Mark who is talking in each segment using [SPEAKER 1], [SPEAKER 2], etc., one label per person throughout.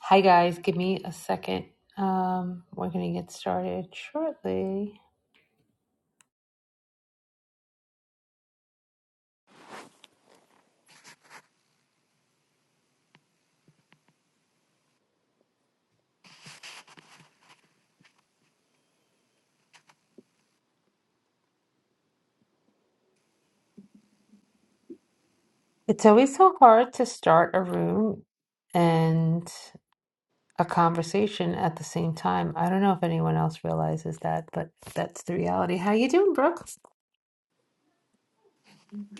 [SPEAKER 1] Hi guys, give me a second. Um, we're gonna get started shortly. It's always so hard to start a room and a conversation at the same time. I don't know if anyone else realizes that, but that's the reality. How you doing, Brooke?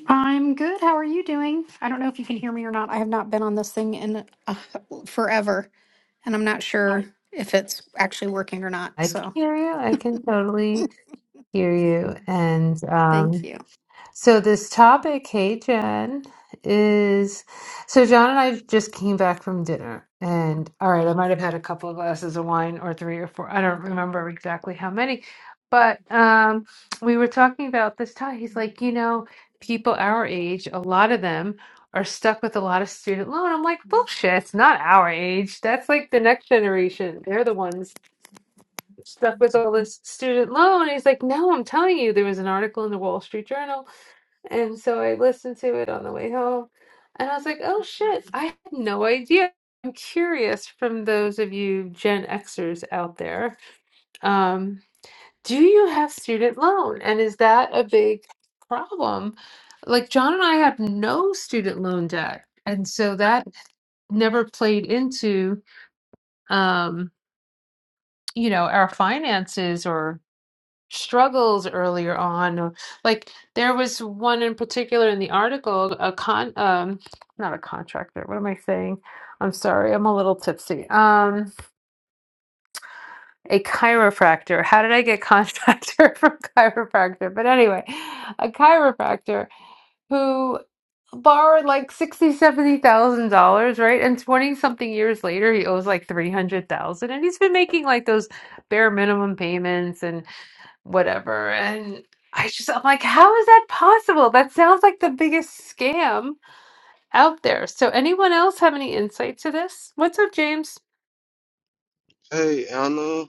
[SPEAKER 2] I'm good. How are you doing? I don't know if you can hear me or not. I have not been on this thing in uh, forever, and I'm not sure if it's actually working or not.
[SPEAKER 1] I can
[SPEAKER 2] So,
[SPEAKER 1] hear you. I can totally hear you. And
[SPEAKER 2] thank
[SPEAKER 1] um,
[SPEAKER 2] you.
[SPEAKER 1] So this topic, hey Jen, is so John and I just came back from dinner and all right, I might have had a couple of glasses of wine or three or four. I don't remember exactly how many, but um we were talking about this time. He's like, you know, people our age, a lot of them are stuck with a lot of student loan. I'm like, bullshit, it's not our age. That's like the next generation. They're the ones stuck with all this student loan. He's like, no, I'm telling you, there was an article in the Wall Street Journal and so I listened to it on the way home, and I was like, oh shit, I had no idea. I'm curious from those of you Gen Xers out there, um, do you have student loan? And is that a big problem? Like, John and I have no student loan debt. And so that never played into, um, you know, our finances or. struggles earlier on or like there was one in particular in the article a con um not a contractor what am i saying i'm sorry i'm a little tipsy um a chiropractor how did i get contractor from chiropractor but anyway a chiropractor who borrowed like sixty seventy thousand dollars right and 20 something years later he owes like 300,000 and he's been making like those bare minimum payments whatever. And I just, I'm like, how is that possible? That sounds like the biggest scam out there. So, anyone else have any insight to this? What's up, James?
[SPEAKER 3] Hey, Anna.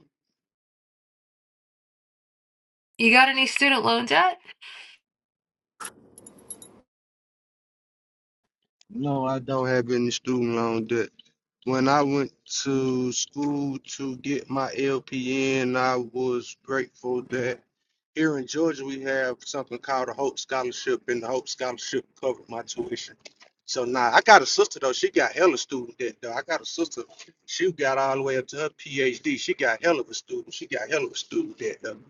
[SPEAKER 1] You got any student loan debt?
[SPEAKER 3] No, I don't have any student loan debt. When I went to school to get my LPN, I was grateful that here in Georgia we have something called a Hope Scholarship, and the Hope Scholarship covered my tuition. So now I got a sister though. She got hella student debt though. I got a sister. She got all the way up to her PhD. She got hella of a student. She got hella of a student debt though.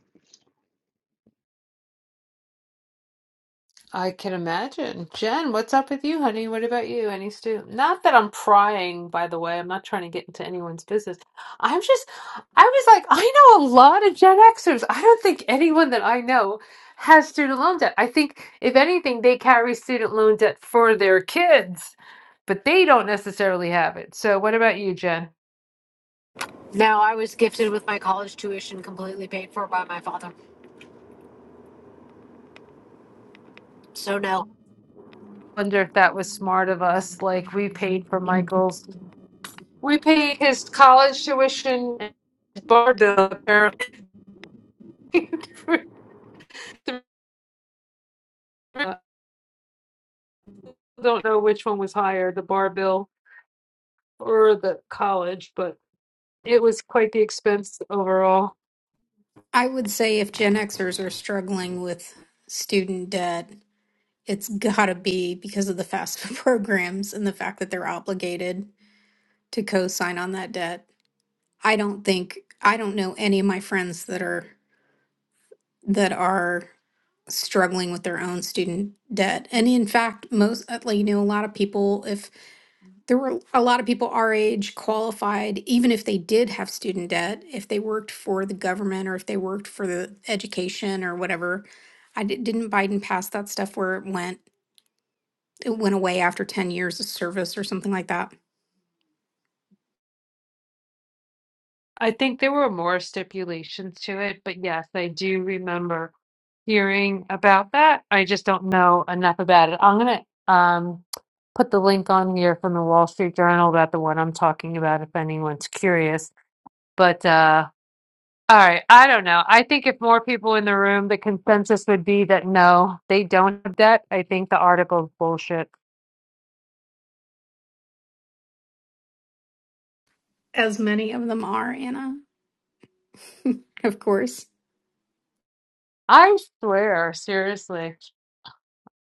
[SPEAKER 1] I can imagine. Jen, what's up with you, honey? What about you? Any stu? Not that I'm prying, by the way. I'm not trying to get into anyone's business. I'm just, I was like, I know a lot of Gen Xers. I don't think anyone that I know has student loan debt. I think, if anything, they carry student loan debt for their kids, but they don't necessarily have it. So, what about you, Jen?
[SPEAKER 4] No, I was gifted with my college tuition completely paid for by my father. So no.
[SPEAKER 1] Wonder if that was smart of us. Like, we paid for
[SPEAKER 4] I'm
[SPEAKER 1] Michael's, we paid his college tuition, and his bar bill. for the- I don't know which one was higher, the bar bill or the college, but it was quite the expense overall.
[SPEAKER 2] I would say if Gen Xers are struggling with student debt, it's got to be because of the FAFSA programs and the fact that they're obligated to co-sign on that debt. I don't think I don't know any of my friends that are. that are struggling with their own student debt. And in fact, most, uh, like, you know, a lot of people, if there were a lot of people our age qualified, even if they did have student debt, if they worked for the government or if they worked for the education or whatever, I di- didn't Biden pass that stuff where it went it went away after 10 years of service or something like that.
[SPEAKER 1] I think there were more stipulations to it, but yes, I do remember hearing about that. I just don't know enough about it. I'm gonna um put the link on here from the Wall Street Journal about the one I'm talking about if anyone's curious. But uh All right, I don't know. I think if more people in the room, the consensus would be that no, they don't have debt. I think the article's bullshit.
[SPEAKER 2] As many of them are, Anna, of course.
[SPEAKER 1] I swear, seriously.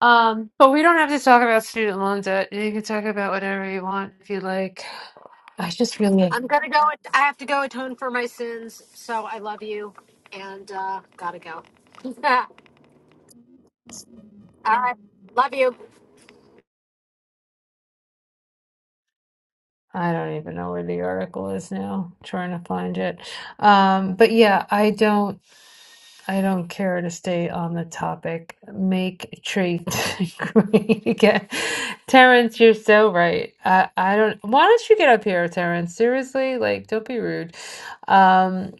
[SPEAKER 1] Um, but we don't have to talk about student loan debt. You can talk about whatever you want if you like. I just really,
[SPEAKER 4] gonna go at- I have to go atone for my sins. So I love you and uh gotta go. All right. Love you.
[SPEAKER 1] I don't even know where the article is now. trying to find it. Um, but yeah, I don't. I don't care to stay on the topic. Make trade great again. Terrence, you're so right. I, I don't why don't you get up here, Terrence? Seriously, like don't be rude. Um,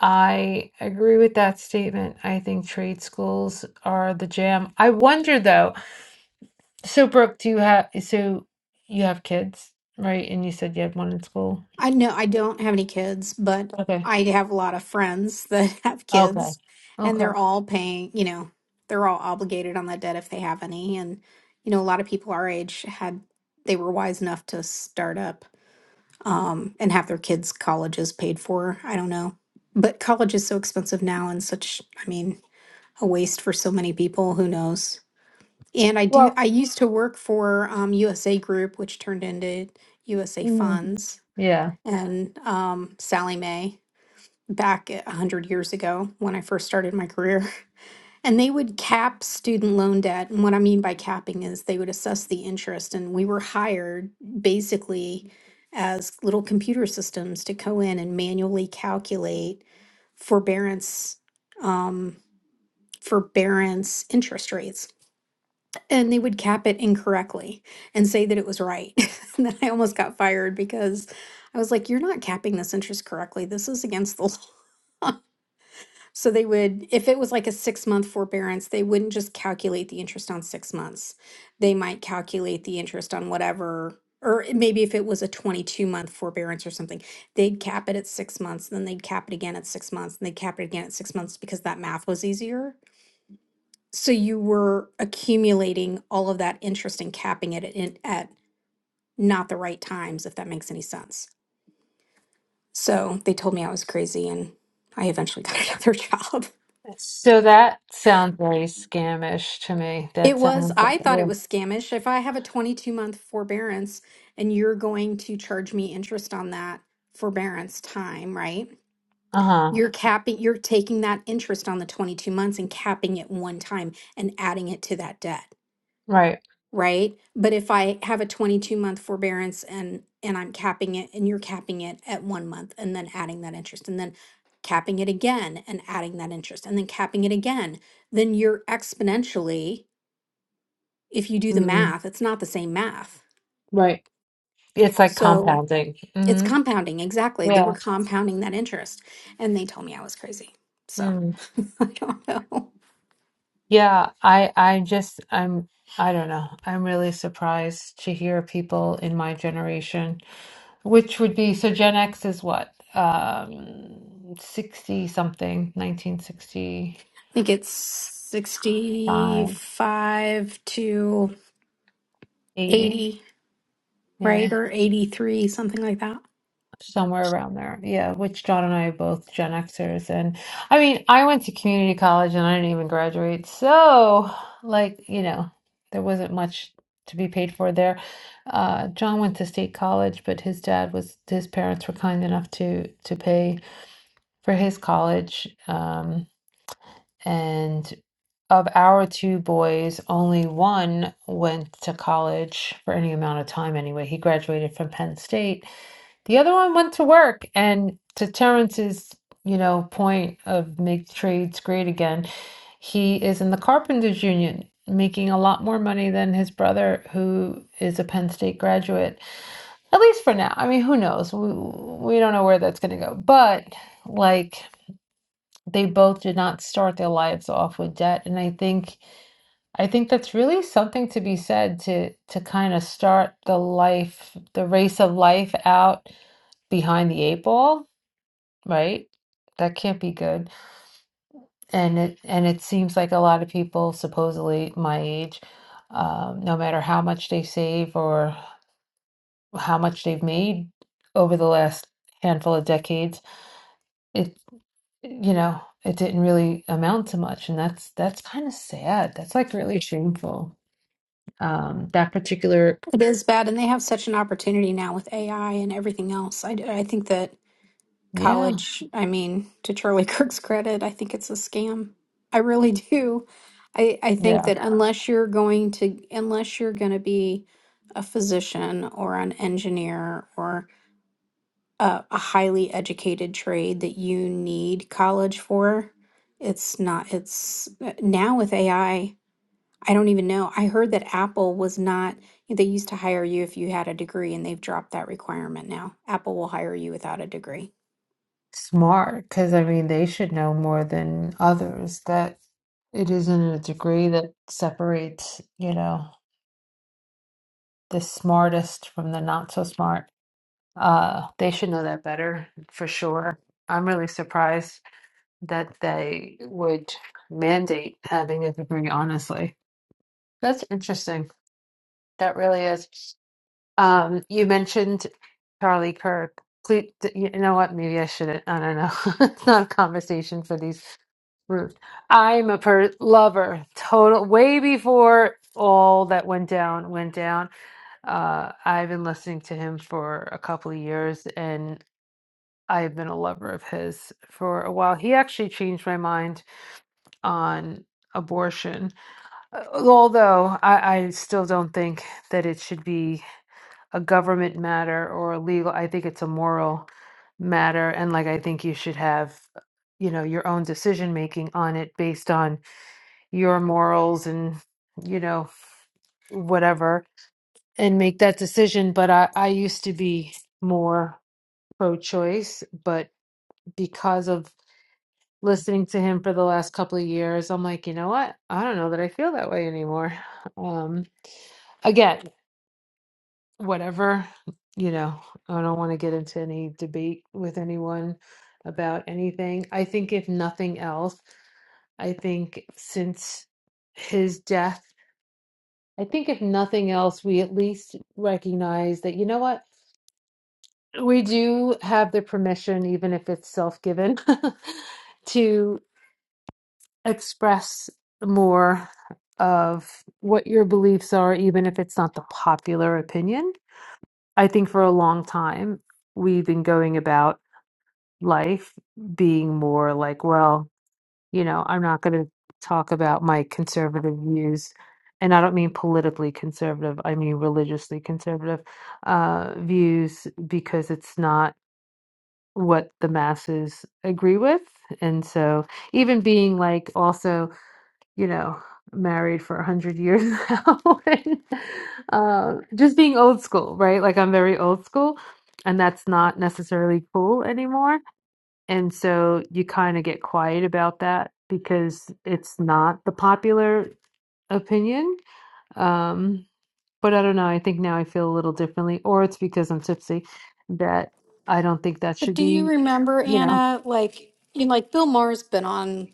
[SPEAKER 1] I agree with that statement. I think trade schools are the jam. I wonder though, so Brooke, do you have so you have kids, right? And you said you had one in school.
[SPEAKER 2] I know I don't have any kids, but
[SPEAKER 1] Okay.
[SPEAKER 2] I have a lot of friends that have
[SPEAKER 1] Okay.
[SPEAKER 2] kids, and
[SPEAKER 1] Okay.
[SPEAKER 2] they're all paying, you know, they're all obligated on that debt if they have any. And, you know, a lot of people our age had, they were wise enough to start up um, and have their kids' colleges paid for. I don't know. But college is so expensive now and such, I mean, a waste for so many people. Who knows? And I do,
[SPEAKER 1] Well,
[SPEAKER 2] I used to work for um, USA Group, which turned into USA
[SPEAKER 1] mhm.
[SPEAKER 2] Funds
[SPEAKER 1] Yeah.
[SPEAKER 2] and um, Sally Mae back a 100 years ago when I first started my career. And they would cap student loan debt. And what I mean by capping is they would assess the interest. And we were hired basically as little computer systems to go in and manually calculate forbearance um, forbearance interest rates and they would cap it incorrectly and say that it was right. and then I almost got fired because I was like, you're not capping this interest correctly. This is against the law. so they would, if it was like a six month forbearance, they wouldn't just calculate the interest on six months. They might calculate the interest on whatever, or it- maybe if it was a 22 month forbearance or something, they'd cap it at six months, and then they'd cap it again at six months, and they'd cap it again at six months because that math was easier. So you were accumulating all of that interest and capping it in, at not the right times, if that makes any sense. So they told me I was crazy and I eventually got another job.
[SPEAKER 1] So that sounds very scamish to me. That
[SPEAKER 2] It was,
[SPEAKER 1] sounds like,
[SPEAKER 2] I thought
[SPEAKER 1] yeah.
[SPEAKER 2] it was scamish. If I have a 22 month forbearance and you're going to charge me interest on that forbearance time, right?
[SPEAKER 1] Uh-huh.
[SPEAKER 2] You're capping, you're taking that interest on the 22 months and capping it one time and adding it to that debt.
[SPEAKER 1] Right.
[SPEAKER 2] right? But if I have a 22 month forbearance and and I'm capping it and you're capping it at 1 month and then adding that interest and then capping it again and adding that interest and then capping it again, then you're exponentially if you do the
[SPEAKER 1] Mm,
[SPEAKER 2] math, it's not the same math.
[SPEAKER 1] right. It's like
[SPEAKER 2] So,
[SPEAKER 1] compounding.
[SPEAKER 2] it's
[SPEAKER 1] hmm
[SPEAKER 2] compounding exactly. They were
[SPEAKER 1] Yeah.
[SPEAKER 2] compounding that interest and they told me I was crazy. So,
[SPEAKER 1] Mm.
[SPEAKER 2] I don't know. I
[SPEAKER 1] Yeah, I I just I'm I don't know. I'm really surprised to hear people in my generation, which would be so Gen X is what? Um 60 something, nineteen sixty
[SPEAKER 2] think it's
[SPEAKER 1] five,
[SPEAKER 2] 65 to
[SPEAKER 1] eighty,
[SPEAKER 2] 80
[SPEAKER 1] Yeah.
[SPEAKER 2] right? Or 83, something like that.
[SPEAKER 1] somewhere around there. Yeah, which John and I are both Gen Xers. And I mean, I went to community college and I didn't even graduate. So, like, you know, there wasn't much to be paid for there. Uh, John went to state college, but his dad was, his parents were kind enough to to pay for his college. Um, and of our two boys, only one went to college for any amount of time anyway. He graduated from Penn State the other one went to work, and to Terrence's, you know, point of make trades great again, he is in the Carpenters Union, making a lot more money than his brother, who is a Penn State graduate, at least for now. I mean, who knows? We, we don't know where that's going to go. But like, they both did not start their lives off with debt, and I think I think that's really something to be said to to kind of start the life, the race of life out behind the eight ball right? That can't be good. And it and it seems like a lot of people, supposedly my age, um, no matter how much they save or how much they've made over the last handful of decades, it you know, it didn't really amount to much. And that's that's kind of sad. That's like really shameful. Um, that particular,
[SPEAKER 2] It is bad. And they have such an opportunity now with AI and everything else. I, I think that
[SPEAKER 1] yeah,
[SPEAKER 2] college, I mean, to Charlie Kirk's credit, I think it's a scam. I really do. I, I think
[SPEAKER 1] yeah.
[SPEAKER 2] that unless you're going to, unless you're going to be a physician or an engineer or a, a highly educated trade that you need college for, it's not, it's now with AI. I don't even know. I heard that Apple was not, they used to hire you if you had a degree, and they've dropped that requirement now. Apple will hire you without a degree.
[SPEAKER 1] smart because I mean they should know more than others that it isn't a degree that separates, you know, the smartest from the not so smart. Uh, they should know that better for sure. I'm really surprised that they would mandate having a degree, honestly. That's interesting. That really is. Um, you mentioned Charlie Kirk. Please, you know what? Maybe I shouldn't. I don't know. It's not a conversation for these Mm. I'm a per- lover, total, way before all that went down went down. Uh, I've been listening to him for a couple of years, and I've been a lover of his for a while. He actually changed my mind on abortion, Uh, although I, I still don't think that it should be a government matter or a legal. I think it's a moral matter, and like I think you should have, you know, your own decision making on it based on your morals and you know whatever and make that decision but i i used to be more pro choice but because of listening to him for the last couple of years i'm like you know what i don't know that i feel that way anymore um again whatever you know i don't want to get into any debate with anyone about anything i think if nothing else i think since his death I think if nothing else, we at least recognize that, you know what, we do have the permission, even if it's self-given, to express more of what your beliefs are, even if it's not the popular opinion. I think for a long time, we've been going about life being more like, well, You know, I'm not going to talk about my conservative views, and I don't mean politically conservative, I mean religiously conservative uh, views because it's not what the masses agree with. And so, even being like also, you know, married for a hundred years now, and, uh, just being old school, right? Like I'm very old school, and that's not necessarily cool anymore and so you kind of get quiet about that because it's not the popular opinion. Um, but I don't know. I think now I feel a little differently, or it's because I'm tipsy that I don't think that
[SPEAKER 2] But
[SPEAKER 1] should
[SPEAKER 2] do you
[SPEAKER 1] be,
[SPEAKER 2] remember,
[SPEAKER 1] you know.
[SPEAKER 2] Anna, like you know, like Bill Maher's been on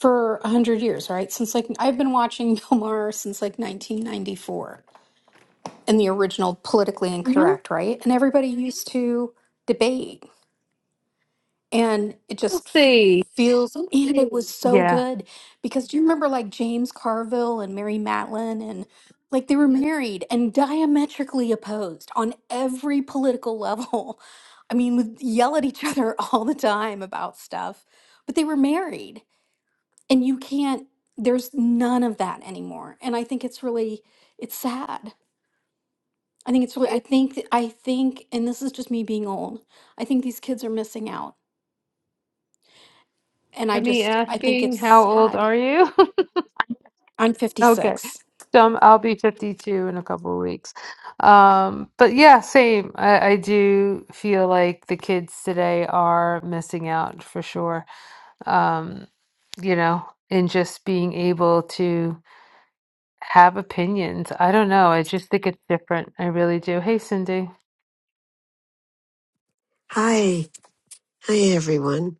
[SPEAKER 2] for a hundred years, right? Since like I've been watching Bill Maher since like 1994 in the original Politically
[SPEAKER 1] Mhm.
[SPEAKER 2] Incorrect, right? And everybody used to debate and it
[SPEAKER 1] Let's
[SPEAKER 2] just
[SPEAKER 1] see.
[SPEAKER 2] feels and it was so
[SPEAKER 1] Yeah.
[SPEAKER 2] good because do you remember like James Carville and Mary Matlin and like they were married and diametrically opposed on every political level. I mean, would yell at each other all the time about stuff, but they were married and you can't there's none of that anymore. And I think it's really it's sad. I think it's really I think I think and this is just me being old. I think these kids are missing out and I
[SPEAKER 1] Me
[SPEAKER 2] just I think
[SPEAKER 1] asking,
[SPEAKER 2] it's
[SPEAKER 1] how old
[SPEAKER 2] sad.
[SPEAKER 1] are you?
[SPEAKER 2] I'm
[SPEAKER 1] okay.
[SPEAKER 2] 56.
[SPEAKER 1] So I'm, I'll be 52 in a couple of weeks. Um, but yeah, same. I, I do feel like the kids today are missing out for sure um, you know, and just being able to have opinions. I don't know. I just think it's different. I really do. Hey, Cindy.
[SPEAKER 5] Hi. Hi, everyone.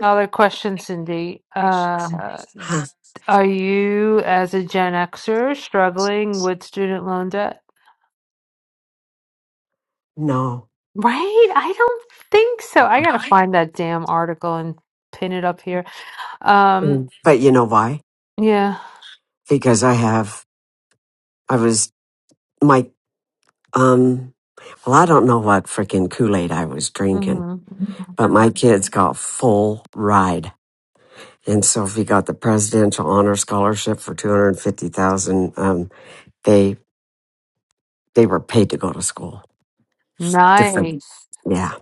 [SPEAKER 1] Another question, Cindy. Uh,
[SPEAKER 5] Huh.
[SPEAKER 1] are you, as a Gen Xer, struggling with student loan debt?
[SPEAKER 5] No.
[SPEAKER 1] Right? I don't think so. I gotta find that damn article and pin it up here. Um,
[SPEAKER 5] Mm. But you know why?
[SPEAKER 1] yeah.
[SPEAKER 5] Because I have, I was, my, um, well, I don't know what freaking Kool Aid I was drinking,
[SPEAKER 1] hmm
[SPEAKER 5] but my kids got full ride. And Sophie got the Presidential Honor Scholarship for 250000 Um, They, they were paid to go to school. Different
[SPEAKER 1] Nice.
[SPEAKER 5] yeah.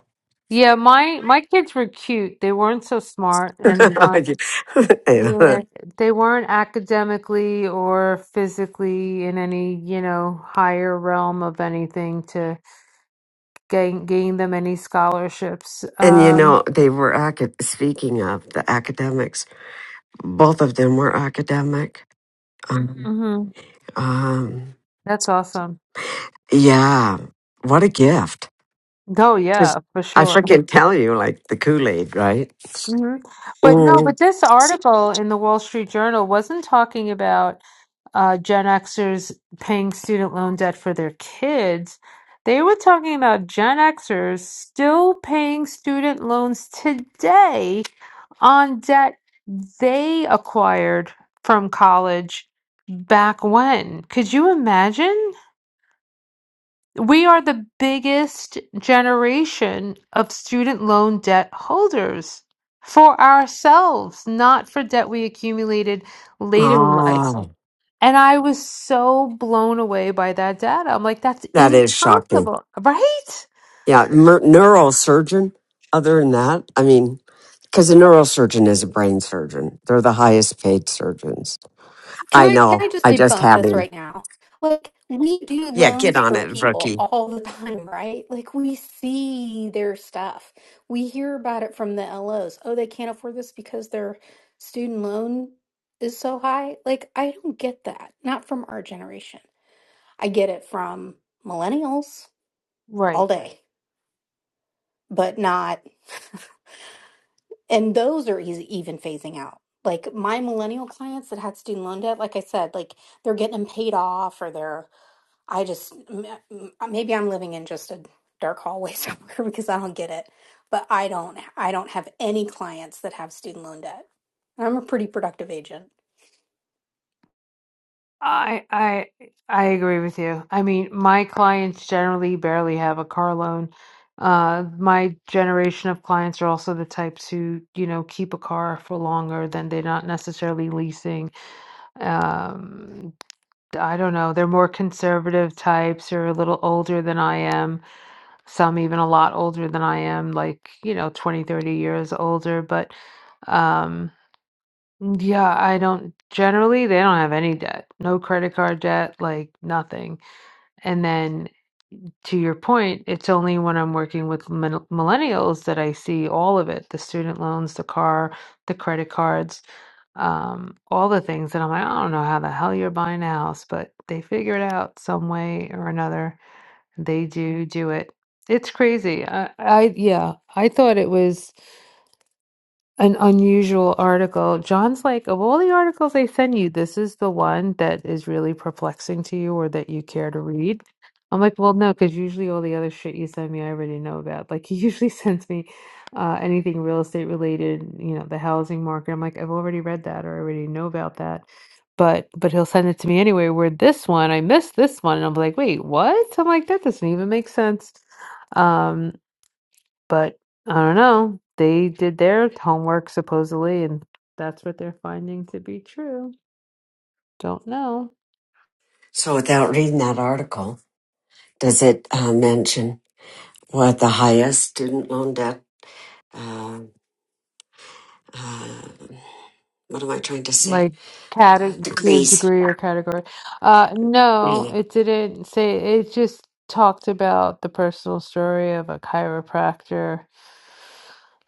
[SPEAKER 1] Yeah, my my kids were cute. They weren't so smart, and they weren't
[SPEAKER 5] Yeah,
[SPEAKER 1] Yeah, they weren't academically or physically in any, you know, higher realm of anything to gain gain them any scholarships.
[SPEAKER 5] and you know,
[SPEAKER 1] Um,
[SPEAKER 5] they were acad- speaking of the academics. both of them were academic. Um,
[SPEAKER 1] mhm,
[SPEAKER 5] um,
[SPEAKER 1] That's awesome.
[SPEAKER 5] yeah, what a gift!
[SPEAKER 1] Oh
[SPEAKER 5] Just,
[SPEAKER 1] yeah, for
[SPEAKER 5] I
[SPEAKER 1] sure.
[SPEAKER 5] freaking tell you, like the Kool Aid, right?
[SPEAKER 1] hmm But no,
[SPEAKER 5] Mm.
[SPEAKER 1] but this article in the Wall Street Journal wasn't talking about uh, Gen Xers paying student loan debt for their kids, they were talking about Gen Xers still paying student loans today on debt they acquired from college back when. Could you imagine? We are the biggest generation of student loan debt holders for ourselves, not for debt we accumulated later in life.
[SPEAKER 5] Oh,
[SPEAKER 1] And I was so blown away by that data. I'm like, that's
[SPEAKER 5] that is shocking.
[SPEAKER 1] impossible, right?
[SPEAKER 5] Yeah, mer- neurosurgeon. Other than that, I mean, because a neurosurgeon is a brain surgeon. They're the highest paid surgeons.
[SPEAKER 2] Can
[SPEAKER 5] I
[SPEAKER 2] I can
[SPEAKER 5] know.
[SPEAKER 2] I just
[SPEAKER 5] I just
[SPEAKER 2] debunk
[SPEAKER 5] had
[SPEAKER 2] this
[SPEAKER 5] him.
[SPEAKER 2] right now? Like we do
[SPEAKER 5] Yeah, get
[SPEAKER 2] loans
[SPEAKER 5] on
[SPEAKER 2] for
[SPEAKER 5] it,
[SPEAKER 2] people
[SPEAKER 5] rookie.
[SPEAKER 2] all the time, right? Like we see their stuff. We hear about it from the LOs. Oh, they can't afford this because their student loan is so high. Like I don't get that. Not from our generation. I get it from millennials all
[SPEAKER 1] Right.
[SPEAKER 2] day, but not and those are easy, even phasing out. Like my millennial clients that had student loan debt, like I said, like they're getting them paid off, or they're. I just m- m- maybe I'm living in just a dark hallway somewhere because I don't get it. But I don't. I don't have any clients that have student loan debt. I'm a pretty productive agent.
[SPEAKER 1] I I I agree with you. I mean, my clients generally barely have a car loan. Uh, my generation of clients are also the types who, you know, keep a car for longer than they're not necessarily leasing. Um, I don't know. They're more conservative types or a little older than I am some even a lot older than I am, like, you know, 20, 30 years older. But um, yeah, I don't generally, they don't have any debt, no credit card debt, like nothing. And then to your point, it's only when I'm working with mil- millennials that I see all of it, the student loans, the car, the credit cards, um, all the things that I'm like, I don't know how the hell you're buying a house, but they figure it out some way or another. They do do it. It's crazy. I, I yeah, I thought it was an unusual article. John's like, of all the articles they send you, this is the one that is really perplexing to you or that you care to read. I'm like, well, no, because usually all the other shit you send me, I already know about. Like, he usually sends me uh, anything real estate related, you know, the housing market. I'm like, I've already read that or I already know about that. But but he'll send it to me anyway. Where this one, I missed this one, and I'm like, wait, what? I'm like, that doesn't even make sense. Um. But I don't know. They did their homework supposedly, and that's what they're finding to be true. Don't know.
[SPEAKER 5] So without reading that article, does it uh, mention what the highest student loan debt um, um, what am I trying to say?
[SPEAKER 1] Like
[SPEAKER 5] Uh,
[SPEAKER 1] category
[SPEAKER 5] degrees.
[SPEAKER 1] degree or category. Uh no,
[SPEAKER 5] You
[SPEAKER 1] it didn't say it just talked about the personal story of a chiropractor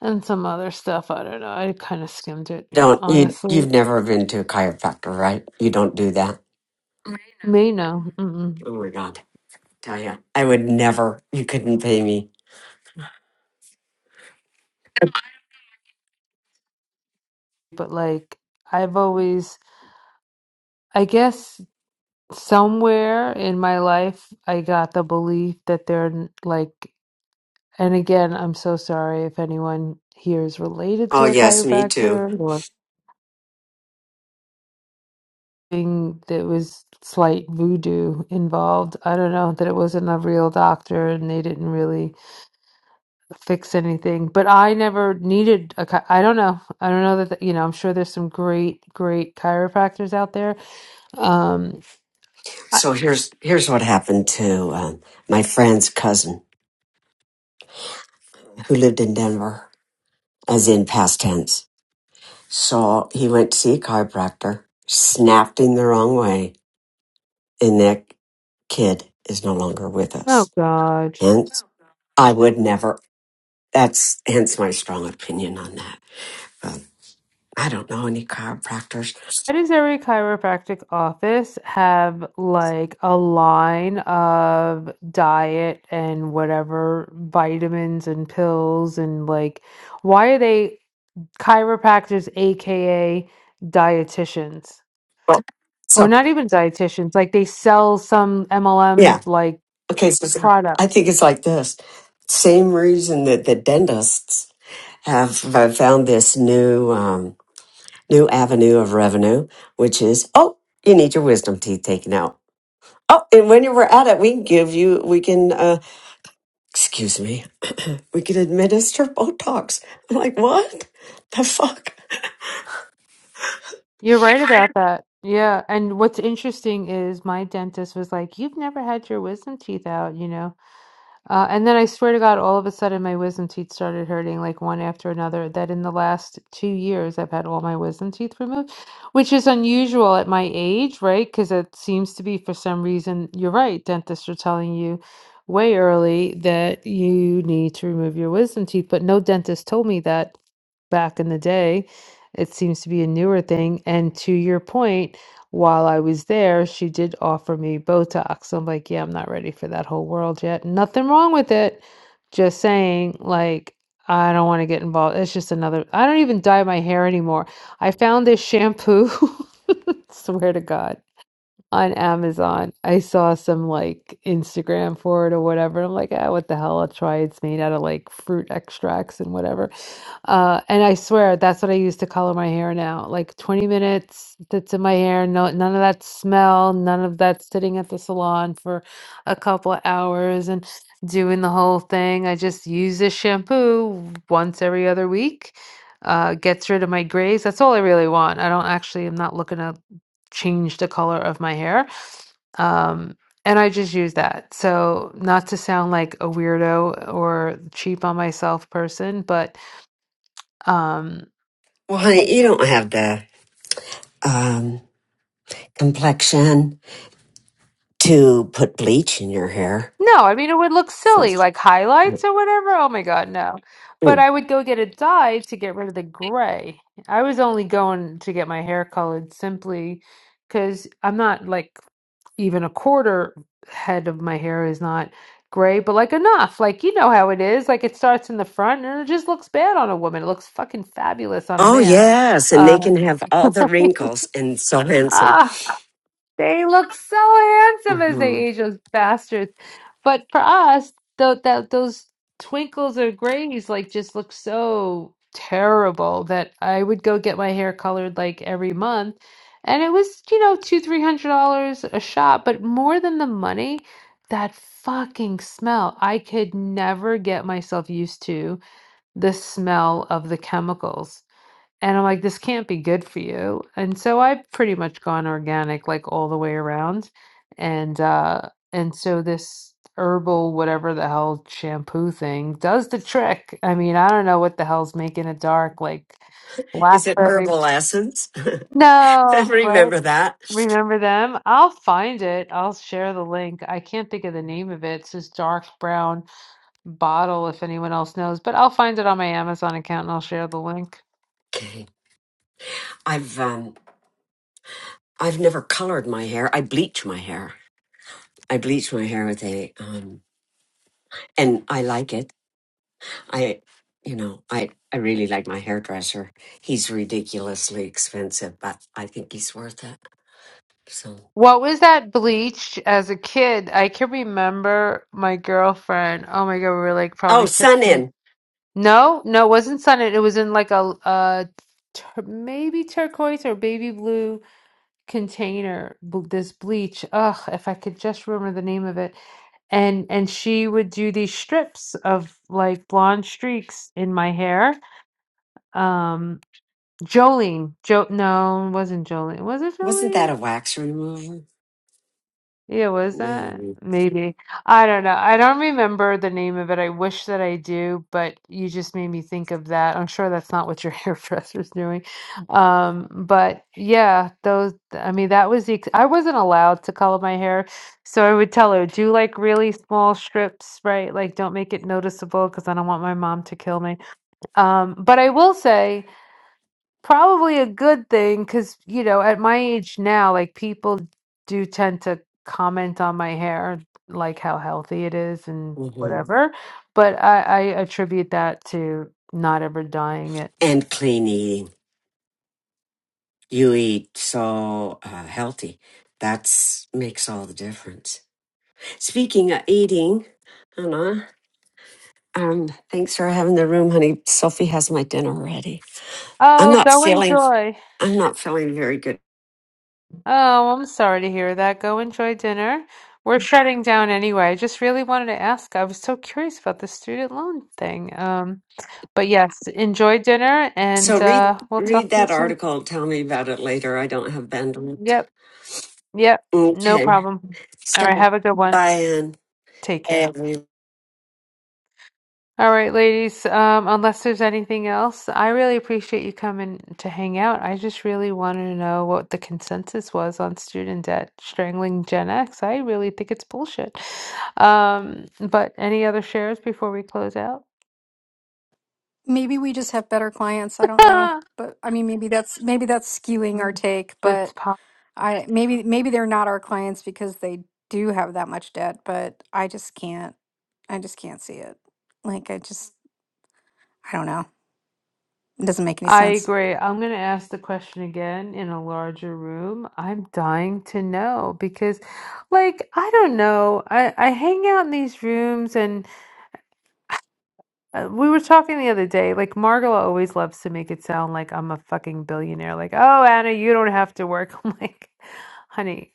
[SPEAKER 1] and some other stuff. I don't know. I kind of skimmed it,
[SPEAKER 5] Don't you?
[SPEAKER 1] honestly.
[SPEAKER 5] You've never been to a chiropractor, right? You don't do that.
[SPEAKER 1] May know. Mm-mm.
[SPEAKER 5] Oh my God, tell ya, I would never. You couldn't pay me.
[SPEAKER 1] But like I've always I guess somewhere in my life I got the belief that they're n- like and again I'm so sorry if anyone here is related
[SPEAKER 5] Oh
[SPEAKER 1] to a
[SPEAKER 5] yes, me too.
[SPEAKER 1] chiropractor or thing that was slight voodoo involved. I don't know that it wasn't a real doctor and they didn't really fix anything. But I never needed a chi- I don't know. I don't know that the, you know I'm sure there's some great great chiropractors out there. Um I-
[SPEAKER 5] So here's here's what happened to um, my friend's cousin who lived in Denver, as in past tense. So he went to see a chiropractor, snapped him the wrong way, and that kid is no longer with
[SPEAKER 1] oh
[SPEAKER 5] us.
[SPEAKER 1] god.
[SPEAKER 5] Hence, I would never That's hence my strong opinion on that. But I don't know any chiropractors.
[SPEAKER 1] Why does every chiropractic office have like a line of diet and whatever vitamins and pills and like why are they chiropractors aka dietitians
[SPEAKER 5] Well,
[SPEAKER 1] or
[SPEAKER 5] so
[SPEAKER 1] not even dietitians like they sell some MLM
[SPEAKER 5] yeah,
[SPEAKER 1] like
[SPEAKER 5] okay. So, so I
[SPEAKER 1] product.
[SPEAKER 5] think it's like this. Same reason that the dentists have, have found this new um, new avenue of revenue, which is oh, you need your wisdom teeth taken out. Oh, and when you were at it, we can give you we can uh, excuse me, we can administer Botox. I'm like, what the fuck?
[SPEAKER 1] You're right about that. Yeah, and what's interesting is my dentist was like, "You've never had your wisdom teeth out, you know." Uh, and then I swear to God, all of a sudden my wisdom teeth started hurting like one after another. That in the last two years, I've had all my wisdom teeth removed, which is unusual at my age, right? Because it seems to be for some reason, you're right, dentists are telling you way early that you need to remove your wisdom teeth, but no dentist told me that back in the day. It seems to be a newer thing. And to your point, while I was there, she did offer me Botox. I'm like, yeah, I'm not ready for that whole world yet. Nothing wrong with it. Just saying, like, I don't want to get involved. It's just another, I don't even dye my hair anymore. I found this shampoo, swear to God, on Amazon. I saw some like Instagram for it or whatever. I'm like, ah, what the hell? I'll try. It's made out of like fruit extracts and whatever. Uh, and I swear that's what I used to color my hair now. Like 20 minutes that's in my hair. No, none of that smell, none of that sitting at the salon for a couple of hours and doing the whole thing. I just use this shampoo once every other week. Uh, gets rid of my grays. That's all I really want. I don't actually, I'm not looking to change the color of my hair. Um, and I just use that. So, not to sound like a weirdo or cheap on myself person, but um,
[SPEAKER 5] Well, honey, you don't have the um, complexion to put bleach in your hair
[SPEAKER 1] no, I mean it would look
[SPEAKER 5] for
[SPEAKER 1] silly, like highlights or whatever. Oh my God, no. But I would go get a dye to get rid of the gray. I was only going to get my hair colored simply because I'm not like even a quarter head of my hair is not gray, but like enough. Like you know how it is. Like it starts in the front and it just looks bad on a woman. It looks fucking fabulous on a
[SPEAKER 5] oh
[SPEAKER 1] man.
[SPEAKER 5] yes and they
[SPEAKER 1] Uh,
[SPEAKER 5] can have all the wrinkles and so handsome
[SPEAKER 1] ah. They look so handsome as they
[SPEAKER 5] hmm
[SPEAKER 1] age, those bastards. But for us, though, that those twinkles or grays like just look so terrible that I would go get my hair colored like every month, and it was you know two three hundred dollars a shot, but more than the money, that fucking smell. I could never get myself used to the smell of the chemicals. And I'm like, "This can't be good for you," and so I've pretty much gone organic, like, all the way around, and, uh and so this herbal whatever the hell shampoo thing does the trick. I mean, I don't know what the hell's making it dark, like,
[SPEAKER 5] is it
[SPEAKER 1] blackberry.
[SPEAKER 5] herbal essence
[SPEAKER 1] No, right?
[SPEAKER 5] remember that
[SPEAKER 1] Remember them? I'll find it, I'll share the link, I can't think of the name of it, it's this dark brown bottle if anyone else knows, but I'll find it on my Amazon account and I'll share the link.
[SPEAKER 5] okay i've um i've never colored my hair i bleach my hair i bleach my hair with a um and i like it i you know i i really like my hairdresser he's ridiculously expensive but i think he's worth it so
[SPEAKER 1] What was that bleach as a kid? I can remember my girlfriend. Oh my God, we were like
[SPEAKER 5] oh
[SPEAKER 1] probably
[SPEAKER 5] sun in
[SPEAKER 1] 15. No, no, it wasn't Sunnet. It was in like a, a tur maybe turquoise or baby blue container. bl- This bleach. Ugh, if I could just remember the name of it. And and she would do these strips of like blonde streaks in my hair. Um, Jolene. Jo no, it wasn't Jolene. Was it
[SPEAKER 5] Wasn't
[SPEAKER 1] Jolene?
[SPEAKER 5] that a wax remover?
[SPEAKER 1] Yeah, was that?
[SPEAKER 5] Maybe.
[SPEAKER 1] Maybe. I don't know. I don't remember the name of it. I wish that I do, but you just made me think of that. I'm sure that's not what your hairdresser's doing. Um, but yeah, those, I mean, that was the, ex- I wasn't allowed to color my hair. So I would tell her, do like really small strips, right? Like don't make it noticeable because I don't want my mom to kill me. Um, but I will say, Probably a good thing because, you know, at my age now, like people do tend to comment on my hair, like how healthy it is and Mhm.
[SPEAKER 5] hmm
[SPEAKER 1] whatever. But I, I attribute that to not ever dyeing it.
[SPEAKER 5] And clean eating. You eat so uh, healthy. That's makes all the difference. Speaking of eating, Anna, um, thanks for having the room, honey. Sophie has my dinner ready. I'm
[SPEAKER 1] Oh,
[SPEAKER 5] not
[SPEAKER 1] go
[SPEAKER 5] feeling.
[SPEAKER 1] enjoy.
[SPEAKER 5] I'm not feeling very good.
[SPEAKER 1] Oh, I'm sorry to hear that. Go enjoy dinner. We're shutting down anyway. I just really wanted to ask. I was so curious about the student loan thing. Um, but yes, enjoy dinner
[SPEAKER 5] So
[SPEAKER 1] and
[SPEAKER 5] read
[SPEAKER 1] uh, we'll
[SPEAKER 5] read
[SPEAKER 1] talk to you
[SPEAKER 5] that
[SPEAKER 1] soon.
[SPEAKER 5] article. Tell me about it later. I don't have bandwidth.
[SPEAKER 1] Yep. Yep, no
[SPEAKER 5] Okay.
[SPEAKER 1] problem. All
[SPEAKER 5] So,
[SPEAKER 1] right, have a good one.
[SPEAKER 5] bye, Anne.
[SPEAKER 1] Take
[SPEAKER 5] Bye,
[SPEAKER 1] care.
[SPEAKER 5] everyone.
[SPEAKER 1] All right, ladies, um, unless there's anything else, I really appreciate you coming to hang out. I just really wanted to know what the consensus was on student debt strangling Gen X. I really think it's bullshit. Um, but any other shares before we close out?
[SPEAKER 2] Maybe we just have better clients. I don't know, but I mean, maybe that's maybe that's skewing our take.
[SPEAKER 1] It's
[SPEAKER 2] but. I maybe maybe they're not our clients because they do have that much debt, but I just can't. I just can't see it. Like I just I don't know. It doesn't make any
[SPEAKER 1] I
[SPEAKER 2] sense.
[SPEAKER 1] agree. I'm going to ask the question again in a larger room. I'm dying to know because, like, I don't know. I, I hang out in these rooms, and uh, we were talking the other day. Like, Margola always loves to make it sound like I'm a fucking billionaire. Like, oh, Anna, you don't have to work. I'm like, honey,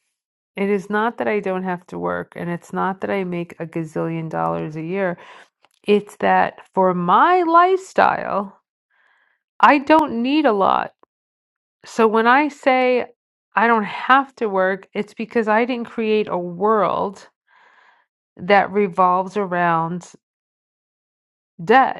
[SPEAKER 1] it is not that I don't have to work, and it's not that I make a gazillion dollars a year. It's that for my lifestyle, I don't need a lot. So when I say I don't have to work, it's because I didn't create a world that revolves around debt.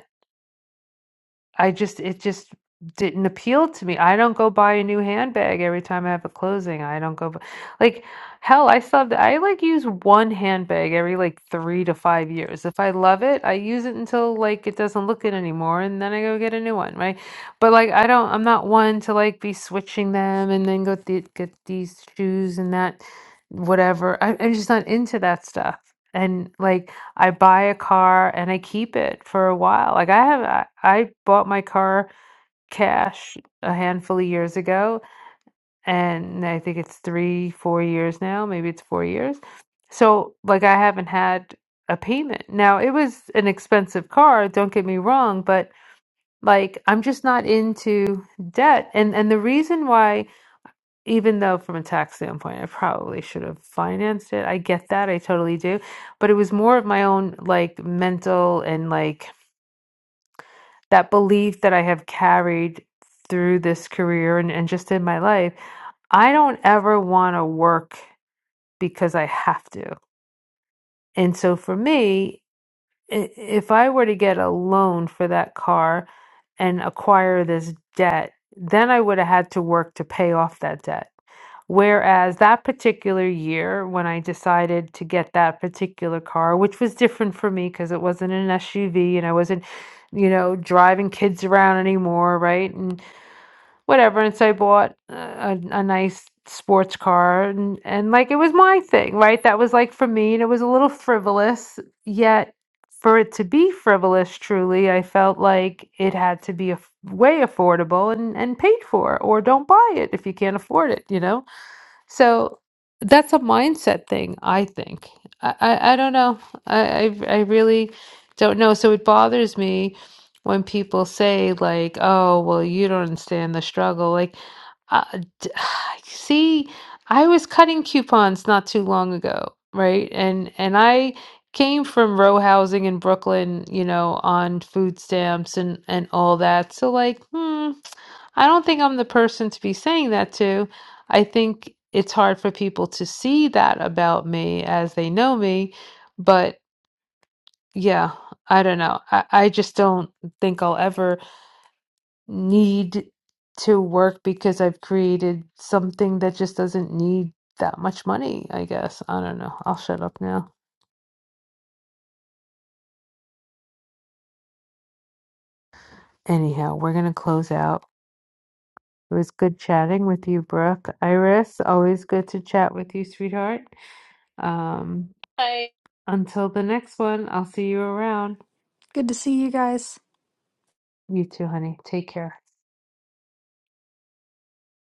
[SPEAKER 1] I just it just didn't appeal to me. I don't go buy a new handbag every time I have a closing. I don't go bu- like hell. I still have the, I like use one handbag every like three to five years. If I love it, I use it until like it doesn't look it anymore, and then I go get a new one. Right? But like I don't. I'm not one to like be switching them and then go th- get these shoes and that whatever. I, I'm just not into that stuff. And like I buy a car and I keep it for a while. Like I have, I, I bought my car cash a handful of years ago, and I think it's three, four years now. Maybe it's four years. So like I haven't had a payment. Now it was an expensive car, don't get me wrong, but like I'm just not into debt. And and the reason why even though from a tax standpoint I probably should have financed it. I get that. I totally do. But it was more of my own like mental and like that belief that I have carried through this career and, and just in my life. I don't ever want to work because I have to. And so for me, i- if I were to get a loan for that car and acquire this debt, then I would have had to work to pay off that debt. Whereas that particular year, when I decided to get that particular car, which was different for me because it wasn't an SUV and I wasn't, you know, driving kids around anymore, right? And whatever, and so I bought a a nice sports car and and, like, it was my thing, right? That was, like, for me, and it was a little frivolous, yet for it to be frivolous truly, I felt like it had to be af way affordable and and paid for, or don't buy it if you can't afford it, you know? So that's a mindset thing, I think. I, I, I don't know. I, I I really don't know. So it bothers me when people say like, "Oh, well, you don't understand the struggle." Like, uh, d- see, I was cutting coupons not too long ago, right? And and I came from row housing in Brooklyn, you know, on food stamps and and all that. So like, hmm, I don't think I'm the person to be saying that to. I think it's hard for people to see that about me as they know me, but yeah, I don't know. I, I just don't think I'll ever need to work because I've created something that just doesn't need that much money, I guess. I don't know. I'll shut up now. Anyhow, we're going to close out. It was good chatting with you, Brooke. Iris, always good to chat with you, sweetheart. Um,
[SPEAKER 6] Hi.
[SPEAKER 1] until the next one, I'll see you around.
[SPEAKER 2] Good to see you guys.
[SPEAKER 1] You too, honey. Take care.